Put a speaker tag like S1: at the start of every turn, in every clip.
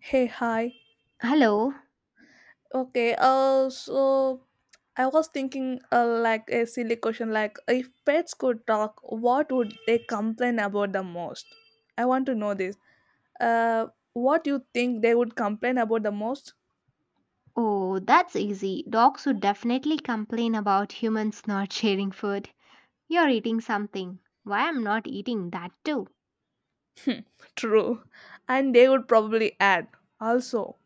S1: Hey, hi.
S2: Hello.
S1: Okay, so I was thinking, like a silly question, like if pets could talk, what would they complain about the most? I want to know this. Uh, what you think they would complain about the most?
S2: Oh, that's easy. Dogs would definitely complain about humans not sharing food. You're eating something. Why I'm not eating that too?
S1: True, and they would probably add. Also,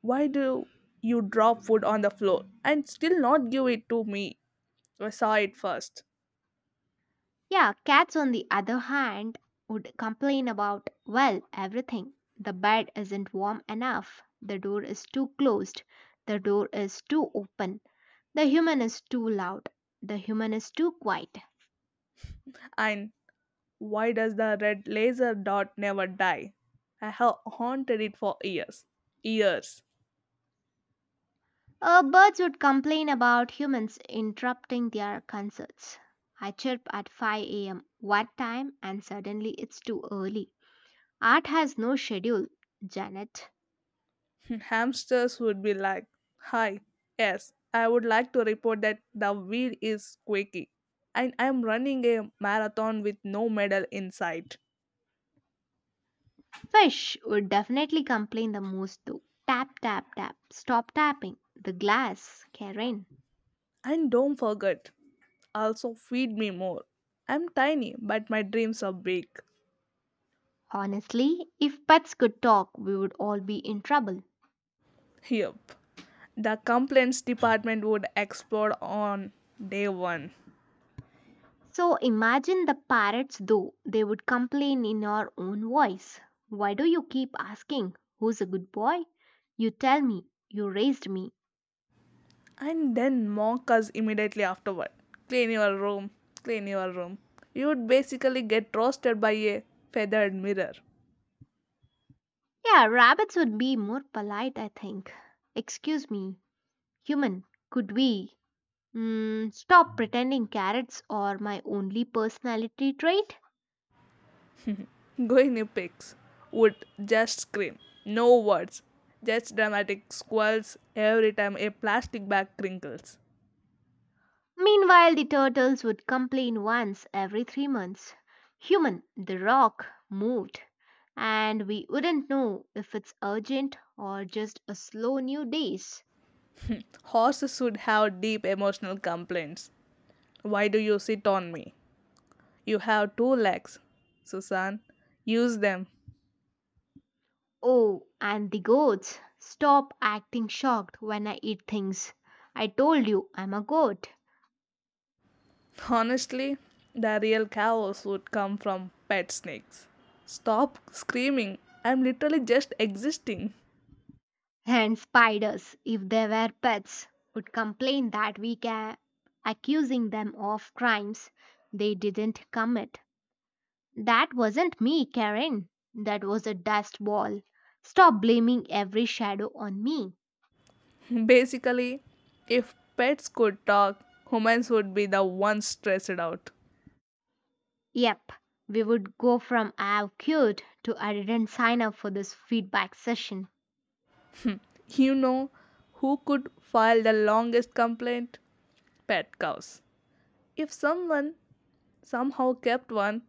S1: why do you drop food on the floor and still not give it to me? I saw it first.
S2: Yeah, cats on the other hand would complain about, well, everything. The bed isn't warm enough. The door is too closed. The door is too open. The human is too loud. The human is too quiet.
S1: And why does the red laser dot never die? I have haunted it for years. Years.
S2: Birds would complain about humans interrupting their concerts. I chirp at 5 a.m. one time and suddenly it's too early. Art has no schedule, Janet.
S1: Hamsters would be like, Hi, yes, I would like to report that the wheel is squeaky. And I'm running a marathon with no medal in sight.
S2: Fish would definitely complain the most though. Tap, tap, tap. Stop tapping. The glass, Karen.
S1: And don't forget, also feed me more. I'm tiny, but my dreams are big.
S2: Honestly, if pets could talk, we would all be in trouble.
S1: Yup. The complaints department would explode on day one.
S2: So imagine the parrots though, they would complain in your own voice. Why do you keep asking, who's a good boy? You tell me, you raised me.
S1: And then mock us immediately afterward. Clean your room, clean your room. You would basically get roasted by a feathered mirror.
S2: Yeah, rabbits would be more polite, I think. Excuse me, human, could we? Mm, stop pretending carrots are my only personality trait?
S1: Guinea pigs would just scream. No words. Just dramatic squalls every time a plastic bag crinkles.
S2: Meanwhile, the turtles would complain once every 3 months. Human, the rock moved, and we wouldn't know if it's urgent or just a slow new days.
S1: Horses would have deep emotional complaints. Why do you sit on me? You have two legs. Susan, use them.
S2: Oh, and the goats stop acting shocked when I eat things. I told you I'm a goat.
S1: Honestly, the real chaos would come from pet snakes. Stop screaming. I'm literally just existing.
S2: And spiders, if they were pets, would complain that we can accusing them of crimes they didn't commit. That wasn't me, Karen. That was a dust ball. Stop blaming every shadow on me.
S1: Basically, if pets could talk, humans would be the ones stressed out.
S2: Yep, we would go from I've cured to I didn't sign up for this feedback session.
S1: You know who could file the longest complaint? Pet cows. If someone somehow kept one,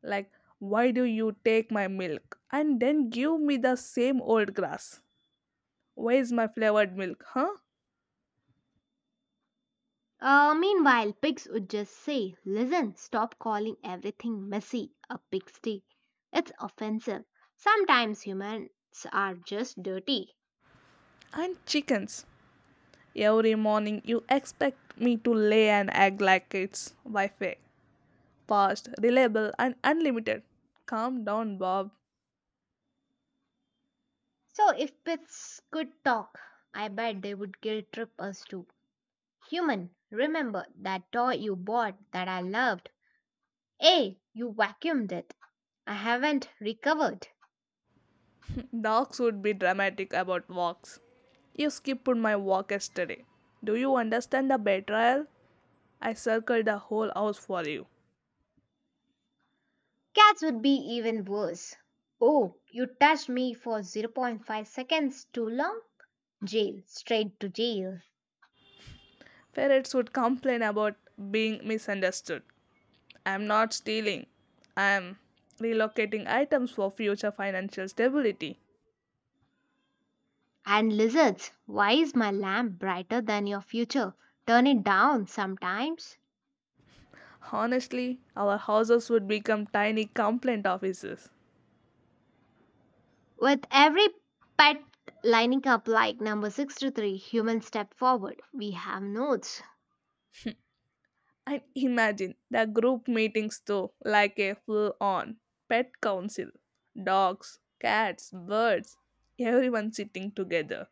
S1: like, why do you take my milk and then give me the same old grass? Where is my flavored milk, huh?
S2: Meanwhile, pigs would just say, listen, stop calling everything messy a pigsty. It's offensive. Sometimes humans are just dirty.
S1: And chickens. Every morning you expect me to lay an egg like it's Wi Fi. Fast, reliable, and unlimited. Calm down, Bob.
S2: So if pits could talk, I bet they would guilt trip us too. Human, remember that toy you bought that I loved? Hey, you vacuumed it. I haven't recovered.
S1: Dogs would be dramatic about walks. You skipped my walk yesterday. Do you understand the betrayal? I circled the whole house for you.
S2: Cats would be even worse. Oh, you touched me for zero point 0.5 seconds too long? Jail, straight to jail.
S1: Ferrets would complain about being misunderstood. I'm not stealing. I'm relocating items for future financial stability.
S2: And lizards, why is my lamp brighter than your future? Turn it down sometimes.
S1: Honestly, our houses would become tiny complaint offices.
S2: With every pet lining up like number 63, humans step forward. We have notes.
S1: And imagine the group meetings though, like a full on pet council. Dogs, cats, birds, everyone sitting together.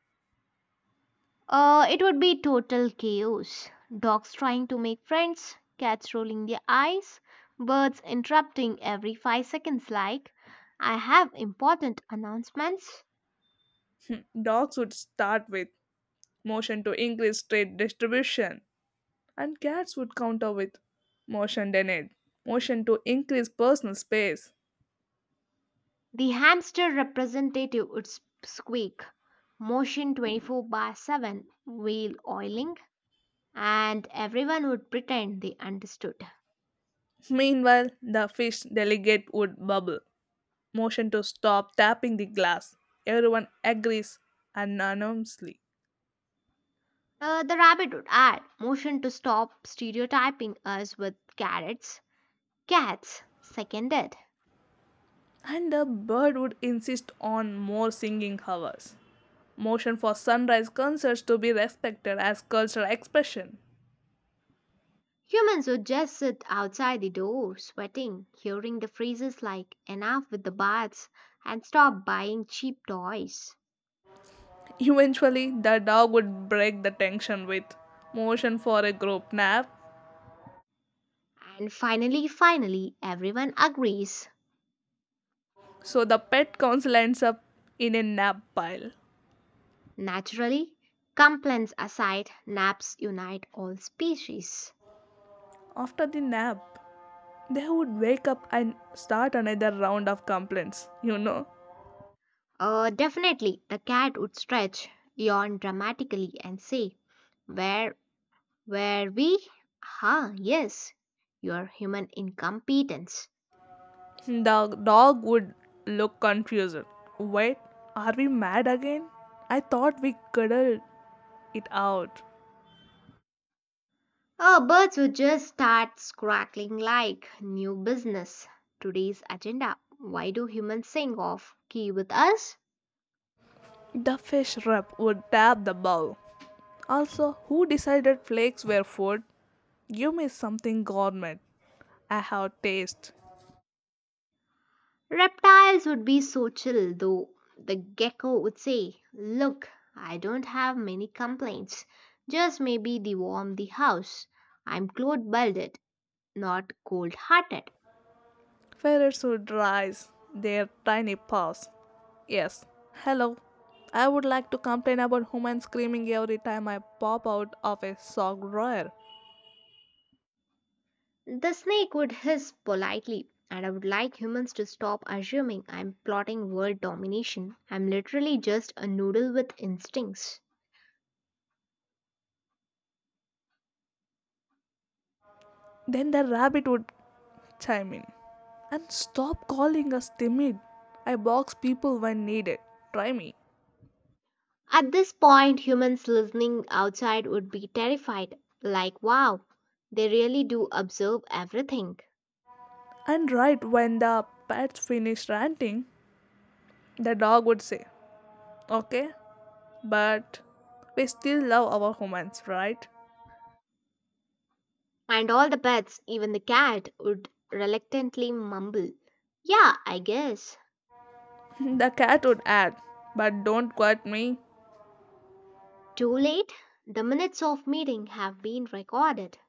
S2: It would be total chaos. Dogs trying to make friends, cats rolling their eyes, birds interrupting every 5 seconds, like, I have important announcements.
S1: Dogs would start with motion to increase trade distribution, and cats would counter with motion denied, motion to increase personal space.
S2: The hamster representative would squeak, motion 24 by 7, wheel oiling, and everyone would pretend they understood.
S1: Meanwhile, the fish delegate would bubble motion to stop tapping the glass. Everyone agrees unanimously.
S2: The rabbit would add, motion to stop stereotyping us with carrots. Cats, seconded.
S1: And the bird would insist on more singing hours. Motion for sunrise concerts to be respected as cultural expression.
S2: Humans would just sit outside the door, sweating, hearing the phrases like enough with the baths and stop buying cheap toys.
S1: Eventually, the dog would break the tension with motion for a group nap,
S2: And finally, finally, everyone agrees.
S1: so the pet council ends up in a nap pile.
S2: Naturally, complaints aside, naps unite all species.
S1: After the nap, they would wake up and start another round of complaints.
S2: Definitely, the cat would stretch, yawn dramatically, and say, where were we? Ah, yes, your human incompetence.
S1: The dog would look confused. Wait, are we mad again? I thought we cuddled it out.
S2: Our birds would just start squawking like new business. Today's agenda. Why do humans sing off key with us?
S1: The fish rep would tap the bowl. Also, who decided flakes were food? Give me something gourmet. I have taste.
S2: Reptiles would be so chill though. The gecko would say, look, I don't have many complaints. Just maybe they warm the house. I'm cold-blooded, not cold-hearted.
S1: Ferrets would rise their tiny paws. Yes. Hello. I would like to complain about human screaming every time I pop out of a sock drawer.
S2: The snake would hiss politely, and I would like humans to stop assuming I'm plotting world domination. I'm literally just a noodle with instincts.
S1: Then the rabbit would chime in. And stop calling us timid. I box people when needed. Try me.
S2: At this point, humans listening outside would be terrified like, wow, they really do observe everything.
S1: And right when the pets finished ranting, the dog would say, okay, but we still love our humans, right?
S2: And all the pets, even the cat, would reluctantly mumble, yeah, I guess.
S1: The cat would add, but don't quote me.
S2: Too late? The minutes of meeting have been recorded.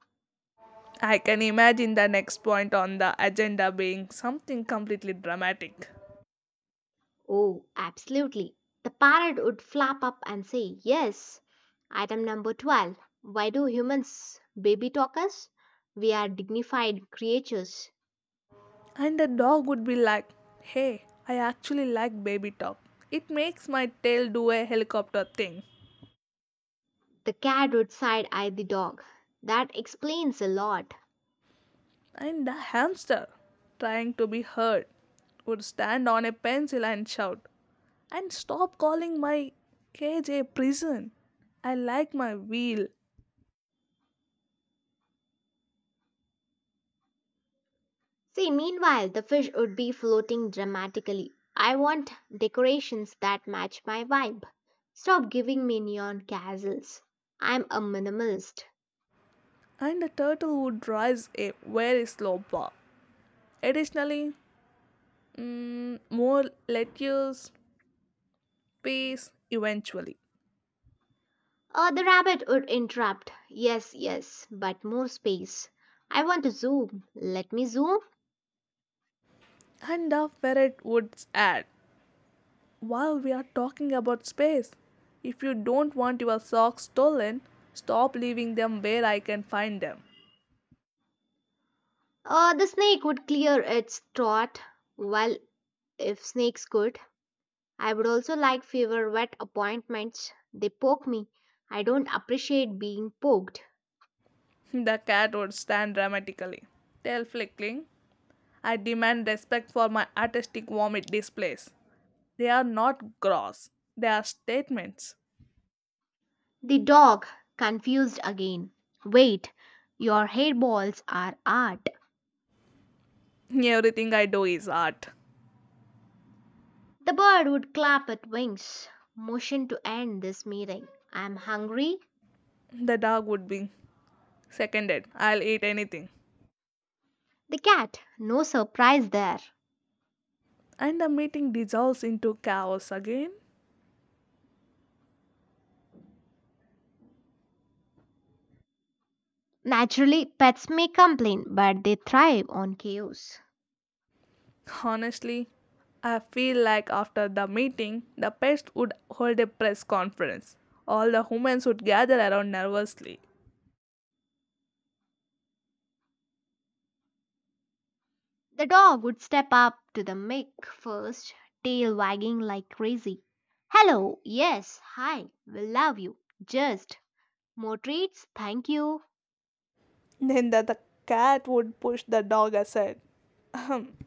S1: I can imagine the next point on the agenda being something completely dramatic.
S2: Oh, absolutely. The parrot would flap up and say, yes. Item number 12. Why do humans baby talk us? We are dignified creatures.
S1: And the dog would be like, hey, I actually like baby talk. It makes my tail do a helicopter thing.
S2: The cat would side eye the dog. That explains a lot.
S1: And the hamster, trying to be heard, would stand on a pencil and shout, and stop calling my cage a prison. I like my wheel.
S2: See, meanwhile, the fish would be floating dramatically. I want decorations that match my vibe. Stop giving me neon castles. I'm a minimalist.
S1: And the turtle would rise a very slow paw. Additionally, more lettuce, peas, eventually.
S2: The rabbit would interrupt. Yes, yes, but more space. I want to zoom. Let me zoom.
S1: And the ferret would add, while we are talking about space, if you don't want your socks stolen, stop leaving them where I can find them.
S2: The snake would clear its throat. Well, if snakes could, I would also like fewer wet appointments. They poke me. I don't appreciate being poked.
S1: The cat would stand dramatically, tail flicking. I demand respect for my artistic vomit displays. They are not gross, they are statements.
S2: The dog, confused again. Wait, your hairballs are art.
S1: Everything I do is art.
S2: The bird would clap its wings. Motion to end this meeting. I'm hungry.
S1: The dog would be seconded. I'll eat anything.
S2: The cat, no surprise there.
S1: And the meeting dissolves into chaos again.
S2: Naturally, pets may complain, but they thrive on chaos.
S1: Honestly, I feel like after the meeting, the pest would hold a press conference. All the humans would gather around nervously.
S2: The dog would step up to the mic first, tail wagging like crazy. Hello, yes, hi, we love you. Just more treats, thank you.
S1: Then the cat would push the dog aside. Ahem.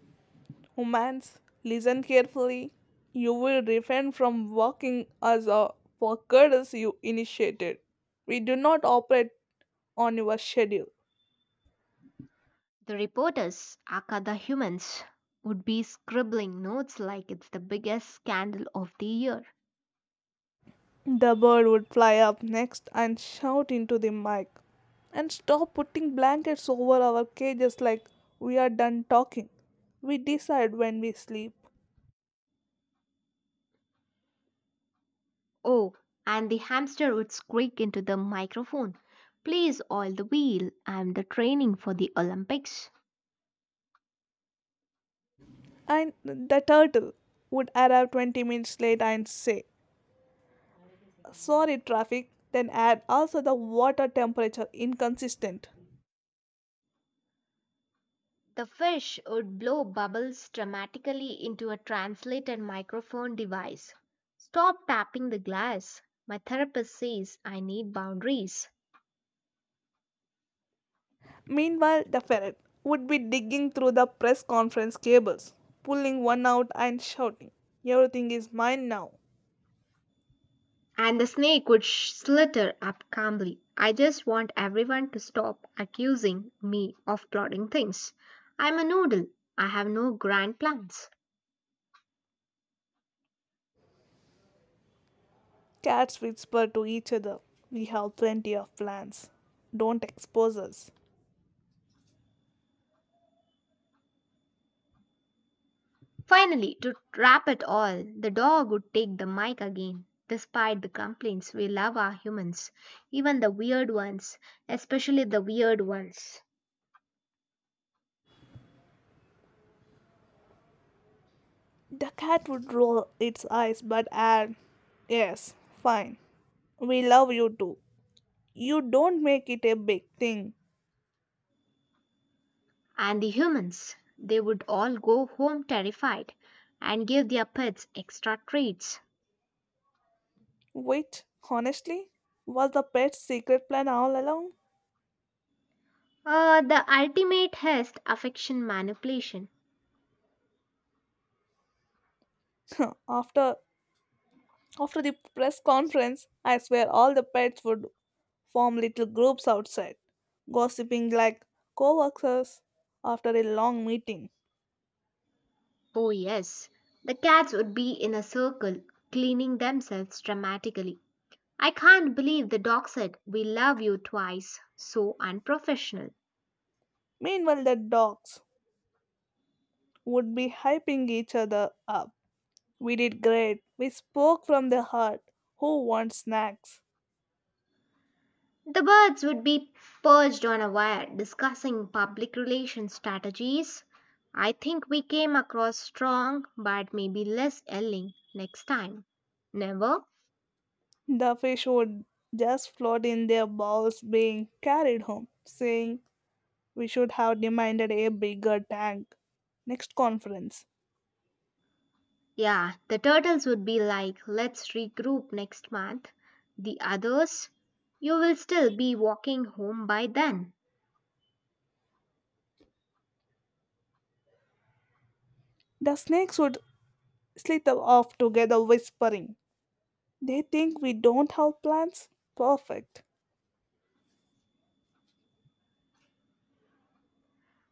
S1: Humans, listen carefully. You will refrain from walking as a for courtesy you initiated. We do not operate on your schedule.
S2: The reporters, aka the humans, would be scribbling notes like it's the biggest scandal of the year.
S1: The bird would fly up next and shout into the mic. And stop putting blankets over our cages like we are done talking. We decide when we sleep.
S2: Oh, and the hamster would squeak into the microphone. Please oil the wheel. I'm the training for the Olympics.
S1: And the turtle would arrive 20 minutes late and say, sorry traffic, then add also the water temperature inconsistent.
S2: The fish would blow bubbles dramatically into a translated microphone device. Stop tapping the glass. My therapist says I need boundaries.
S1: Meanwhile, the ferret would be digging through the press conference cables, pulling one out and shouting, everything is mine now.
S2: And the snake would slither up calmly. I just want everyone to stop accusing me of plotting things. I'm a noodle. I have no grand plans.
S1: Cats whisper to each other, we have plenty of plans. Don't expose us.
S2: Finally, to wrap it all, the dog would take the mic again. Despite the complaints, we love our humans, even the weird ones, especially the weird ones.
S1: The cat would roll its eyes but add, yes, fine. We love you too. You don't make it a big thing.
S2: And the humans, they would all go home terrified and give their pets extra treats.
S1: Wait, honestly, was the pet's secret plan all along?
S2: The ultimate test affection manipulation.
S1: after after the press conference, I swear all the pets would form little groups outside, gossiping like co-workers after a long meeting.
S2: Oh, yes. The cats would be in a circle, cleaning themselves dramatically. I can't believe the dog said, we love you twice. So unprofessional.
S1: Meanwhile, the dogs would be hyping each other up. We did great. We spoke from the heart. Who wants snacks?
S2: The birds would be perched on a wire discussing public relations strategies. I think we came across strong but maybe less yelling next time. Never?
S1: The fish would just float in their bowls being carried home, saying, we should have demanded a bigger tank. Next conference.
S2: Yeah, the turtles would be like, let's regroup next month. The others, you will still be walking home by then.
S1: The snakes would slither off together, whispering. They think we don't have plans? Perfect.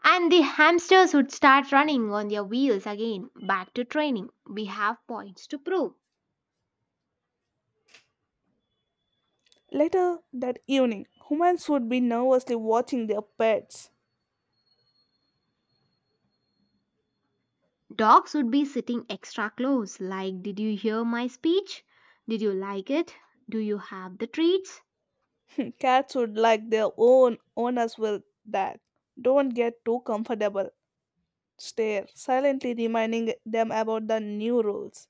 S2: And the hamsters would start running on their wheels again. Back to training. We have points to prove.
S1: Later that evening, humans would be nervously watching their pets.
S2: Dogs would be sitting extra close, like, did you hear my speech? Did you like it? Do you have the treats?
S1: Cats would like their own owners will that. Don't get too comfortable. Stare, silently reminding them about the new rules.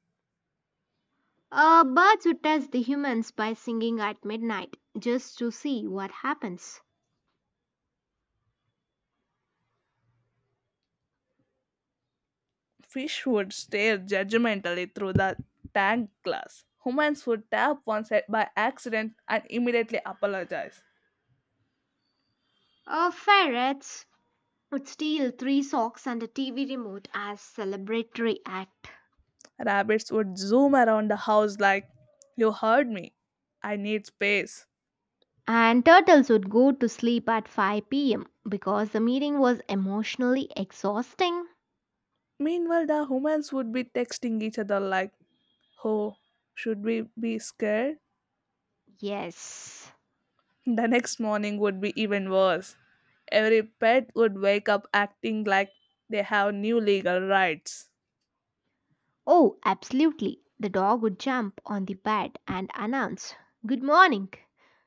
S2: Birds would test the humans by singing at midnight just to see what happens.
S1: Fish would stare judgmentally through the tank glass. Humans would tap one side by accident and immediately apologize.
S2: Ferrets would steal three socks and a TV remote as celebratory act.
S1: Rabbits would zoom around the house like, you heard me. I need space.
S2: And turtles would go to sleep at 5 p.m. because the meeting was emotionally exhausting.
S1: Meanwhile, the humans would be texting each other like, oh, should we be scared?
S2: Yes.
S1: The next morning would be even worse. Every pet would wake up acting like they have new legal rights.
S2: Oh, absolutely. The dog would jump on the bed and announce, good morning.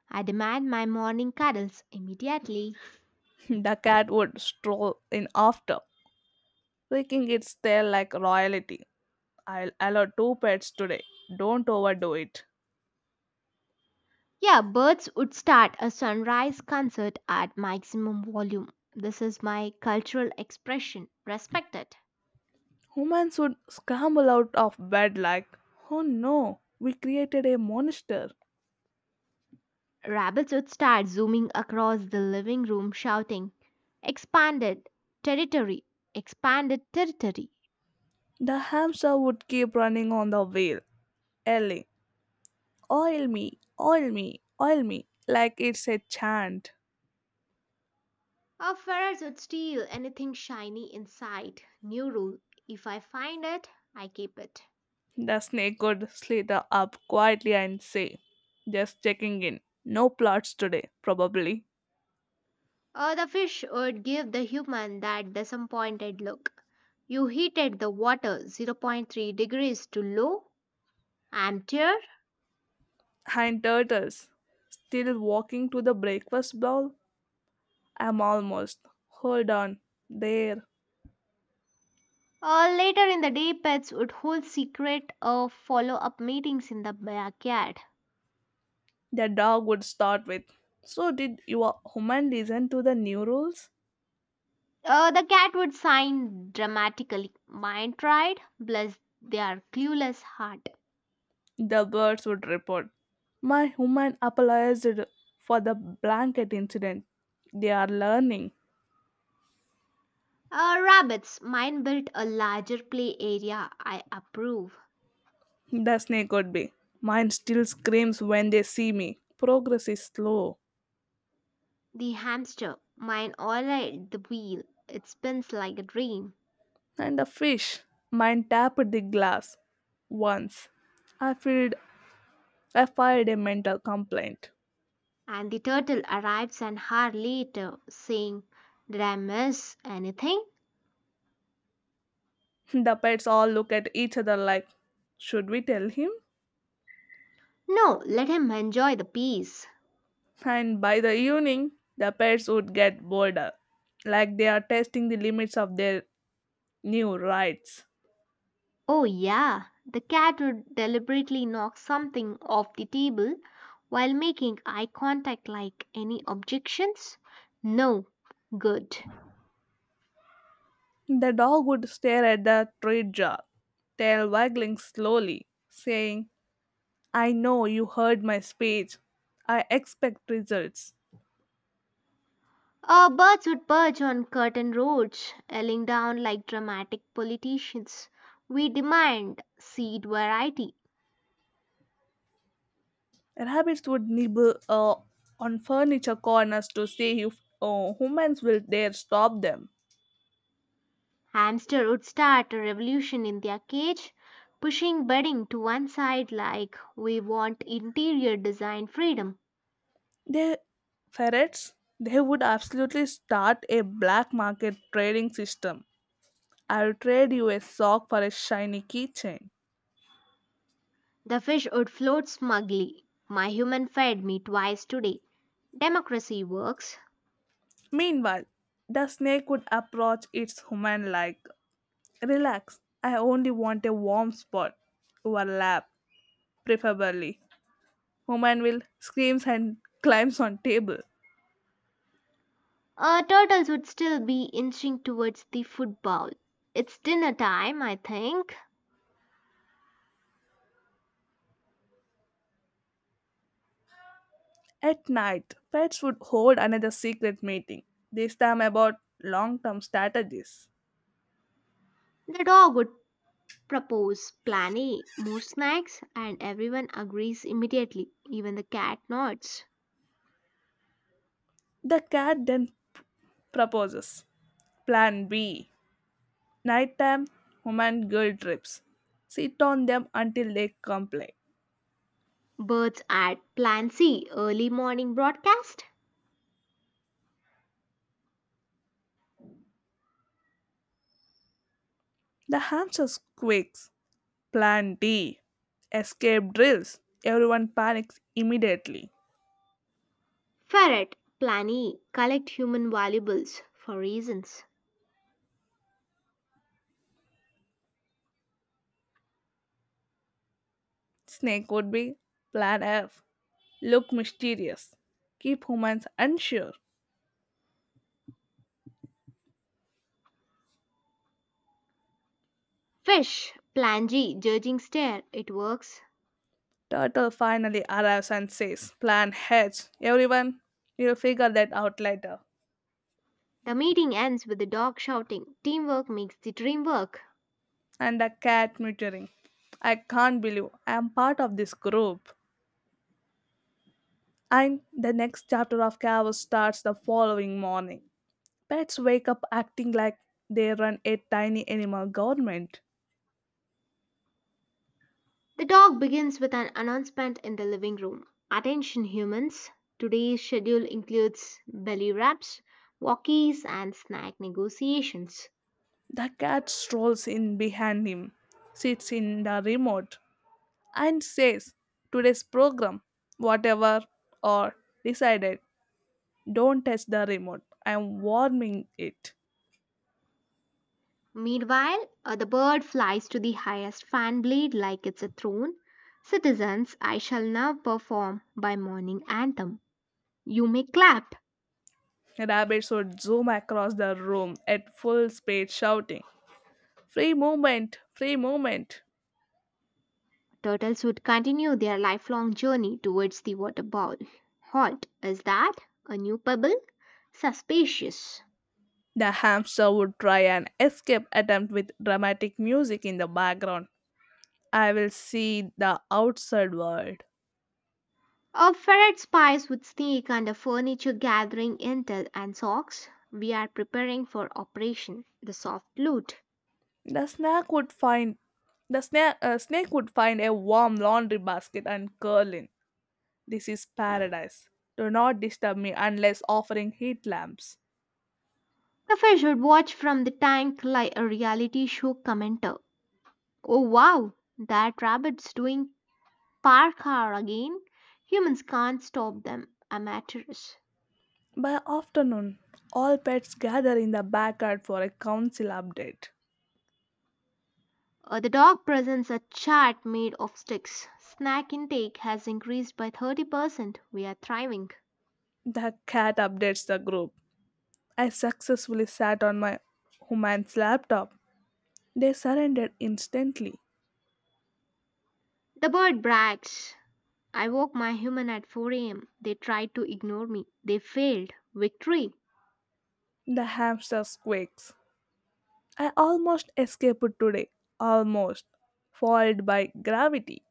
S2: I demand my morning cuddles immediately.
S1: The cat would stroll in after, freaking it's tail like royalty. I'll allow two pets today. Don't overdo it.
S2: Yeah, birds would start a sunrise concert at maximum volume. This is my cultural expression. Respect it.
S1: Humans would scramble out of bed like, oh no, we created a monster.
S2: Rabbits would start zooming across the living room shouting, expanded territory! Expanded territory!
S1: The hamster would keep running on the wheel, yelling, oil me, oil me, oil me, like it's a chant.
S2: Or ferrets would steal anything shiny in sight. New rule, if I find it, I keep it.
S1: The snake would slither up quietly and say, just checking in. No plots today, probably.
S2: Or the fish would give the human that disappointed look. You heated the water zero point 0.3 degrees too low? Amateur?
S1: And turtles, still walking to the breakfast bowl. I'm almost. Hold on. There.
S2: Or later in the day, pets would hold secret or follow up meetings in the backyard.
S1: The dog would start with, so, did your human listen to the new rules?
S2: The cat would sign dramatically. Mine tried, bless their clueless heart.
S1: The birds would report. My human apologized for the blanket incident. They are learning.
S2: Rabbits, mine built a larger play area. I approve.
S1: The snake would be. Mine still screams when they see me. Progress is slow.
S2: The hamster, mine all right, the wheel. It spins like a dream.
S1: And the fish. Mine tapped the glass. Once. I fired, I fired a mental complaint.
S2: And the turtle arrives an hour later, saying, did I miss anything?
S1: The pets all look at each other like, should we tell him?
S2: No, let him enjoy the peace.
S1: And by the evening, the pets would get bolder, like they are testing the limits of their new rights.
S2: Oh, yeah, the cat would deliberately knock something off the table while making eye contact like, any objections? No, good.
S1: The dog would stare at the tree jar, tail waggling slowly, saying, I know you heard my speech. I expect results.
S2: Birds would perch on curtain roads, yelling down like dramatic politicians. We demand seed variety.
S1: Rabbits would nibble on furniture corners to see if humans will dare stop them.
S2: Hamster would start a revolution in their cage, pushing bedding to one side like, we want interior design freedom.
S1: They ferrets, they would absolutely start a black market trading system. I'll trade you a sock for a shiny keychain.
S2: The fish would float smugly. My human fed me twice today. Democracy works.
S1: Meanwhile, the snake would approach its human like, relax, I only want a warm spot, your lap, preferably. Woman will screams and climbs on table.
S2: Turtles would still be inching towards the food bowl. It's dinner time, I think.
S1: At night, pets would hold another secret meeting, this time about long-term strategies.
S2: The dog would propose plan A, more snacks, and everyone agrees immediately. Even the cat nods.
S1: The cat then proposes. Plan B. Nighttime human girl trips. Sit on them until they complain.
S2: Birds add plan C, early morning broadcast.
S1: The hamster squeaks. Plan D. Escape drills. Everyone panics immediately.
S2: Ferret, plan E, collect human valuables for reasons.
S1: Snake would be Plan F. Look mysterious. Keep humans unsure.
S2: Fish! Plan G, judging stare. It works.
S1: Turtle finally arrives and says, Plan H. Everyone, we'll figure that out later.
S2: The meeting ends with the dog shouting, teamwork makes the dream work.
S1: And the cat muttering, I can't believe I'm part of this group. And the next chapter of chaos starts the following morning. Pets wake up acting like they run a tiny animal government.
S2: The dog begins with an announcement in the living room. Attention humans, today's schedule includes belly wraps, walkies, and snack negotiations.
S1: The cat strolls in behind him, sits in the remote, and says, today's program, whatever, or decided, don't touch the remote. I'm warming it.
S2: Meanwhile, the bird flies to the highest fan blade like it's a throne. Citizens, I shall now perform my morning anthem. You may clap.
S1: Rabbits would zoom across the room at full speed, shouting, free movement! Free movement!
S2: Turtles would continue their lifelong journey towards the water bowl. Halt, is that a new pebble? Suspicious.
S1: The hamster would try an escape attempt with dramatic music in the background. I will see the outside world.
S2: A ferret spies would sneak under furniture gathering intel and socks. We are preparing for operation. The soft loot.
S1: The snake would find the snake would find a warm laundry basket and curl in. This is paradise. Do not disturb me unless offering heat lamps.
S2: The fish would watch from the tank like a reality show commenter. Oh wow, that rabbit's doing parkour again. Humans can't stop them. Amateurs.
S1: By afternoon, all pets gather in the backyard for a council update.
S2: The dog presents a chart made of sticks. Snack intake has increased by 30%. We are thriving.
S1: The cat updates the group. I successfully sat on my human's laptop. They surrendered instantly.
S2: The bird brags. I woke my human at 4 am. They tried to ignore me. They failed. Victory.
S1: The hamster squeaks. I almost escaped today, almost, foiled by gravity.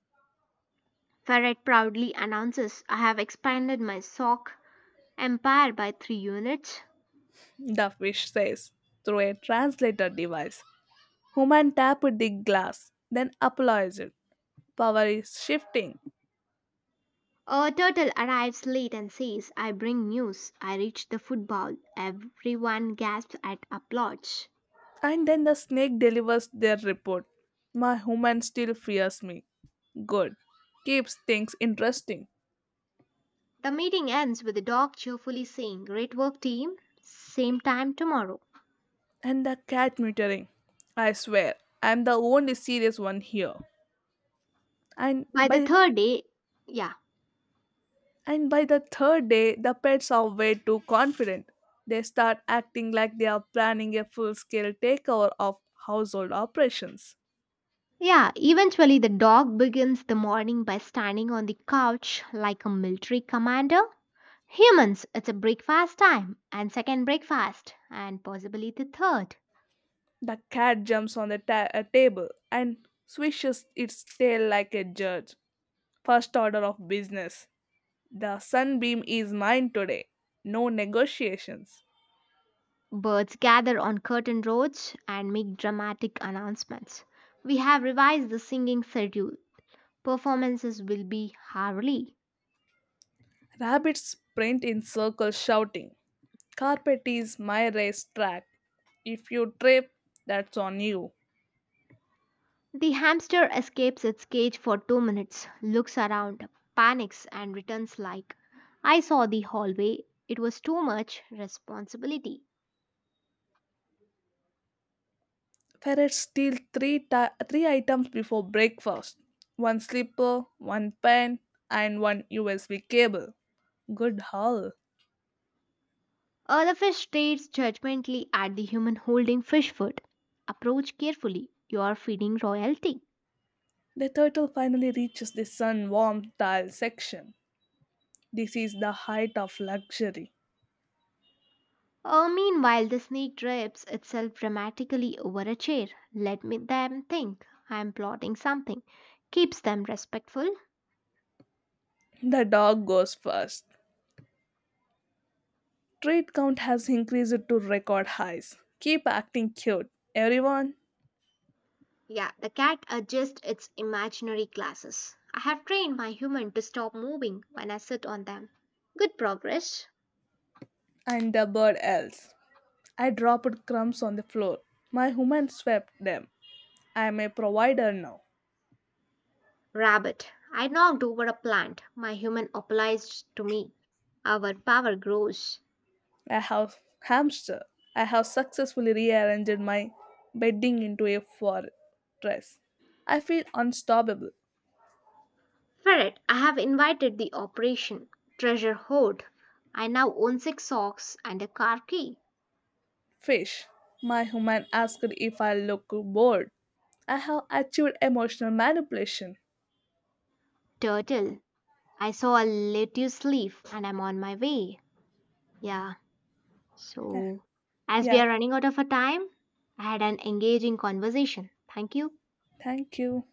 S2: Ferret proudly announces, I have expanded my sock empire by 3 units.
S1: The fish says through a translator device. Human tapped the glass, then apologized. Power is shifting.
S2: A turtle arrives late and says, I bring news. I reached the football. Everyone gasps at applause.
S1: And then the snake delivers their report. My human still fears me. Good. Keeps things interesting.
S2: The meeting ends with the dog cheerfully saying, great work, team. Same time tomorrow.
S1: And the cat muttering. I swear, I'm the only serious one here. and
S2: By the
S1: by
S2: third day, yeah.
S1: and by the third day, the pets are way too confident. They start acting like they are planning a full-scale takeover of household operations.
S2: Yeah, eventually the dog begins the morning by standing on the couch like a military commander. Humans, it's a breakfast time, and second breakfast, and possibly the third.
S1: The cat jumps on a table and swishes its tail like a judge. First order of business, the sunbeam is mine today. No negotiations.
S2: Birds gather on curtain roads and make dramatic announcements. We have revised the singing schedule. Performances will be hourly.
S1: Rabbits sprint in circles shouting, carpet is my racetrack. If you trip, that's on you.
S2: The hamster escapes its cage for 2 minutes, looks around, panics, and returns like, I saw the hallway. It was too much responsibility.
S1: Ferrets steal three items before breakfast. One slipper, one pen, and one USB cable. Good haul.
S2: The fish stares judgmentally at the human holding fish food. Approach carefully. You are feeding royalty.
S1: The turtle finally reaches the sun warmed tile section. This is the height of luxury.
S2: Meanwhile, the snake drapes itself dramatically over a chair. Let me them think I am plotting something. Keeps them respectful.
S1: The dog goes first. Trade count has increased to record highs. Keep acting cute, everyone,
S2: Yeah, the cat adjusts its imaginary glasses. I have trained my human to stop moving when I sit on them. Good progress.
S1: and the bird else. I dropped crumbs on the floor. My human swept them. I am a provider now.
S2: Rabbit. I knocked over a plant. My human apologized to me. Our power grows.
S1: I have hamster. I have successfully rearranged my bedding into a fortress. I feel unstoppable.
S2: Ferret. I have invited the operation. Treasure hoard. I now own six socks and a car key.
S1: Fish. My human asked if I look bored. I have achieved emotional manipulation.
S2: Turtle. I saw a lettuce leaf and I'm on my way. Yeah,
S1: Yeah,
S2: so, as
S1: yeah,
S2: we are running out of our time, I had an engaging conversation. Thank you.
S1: thank you.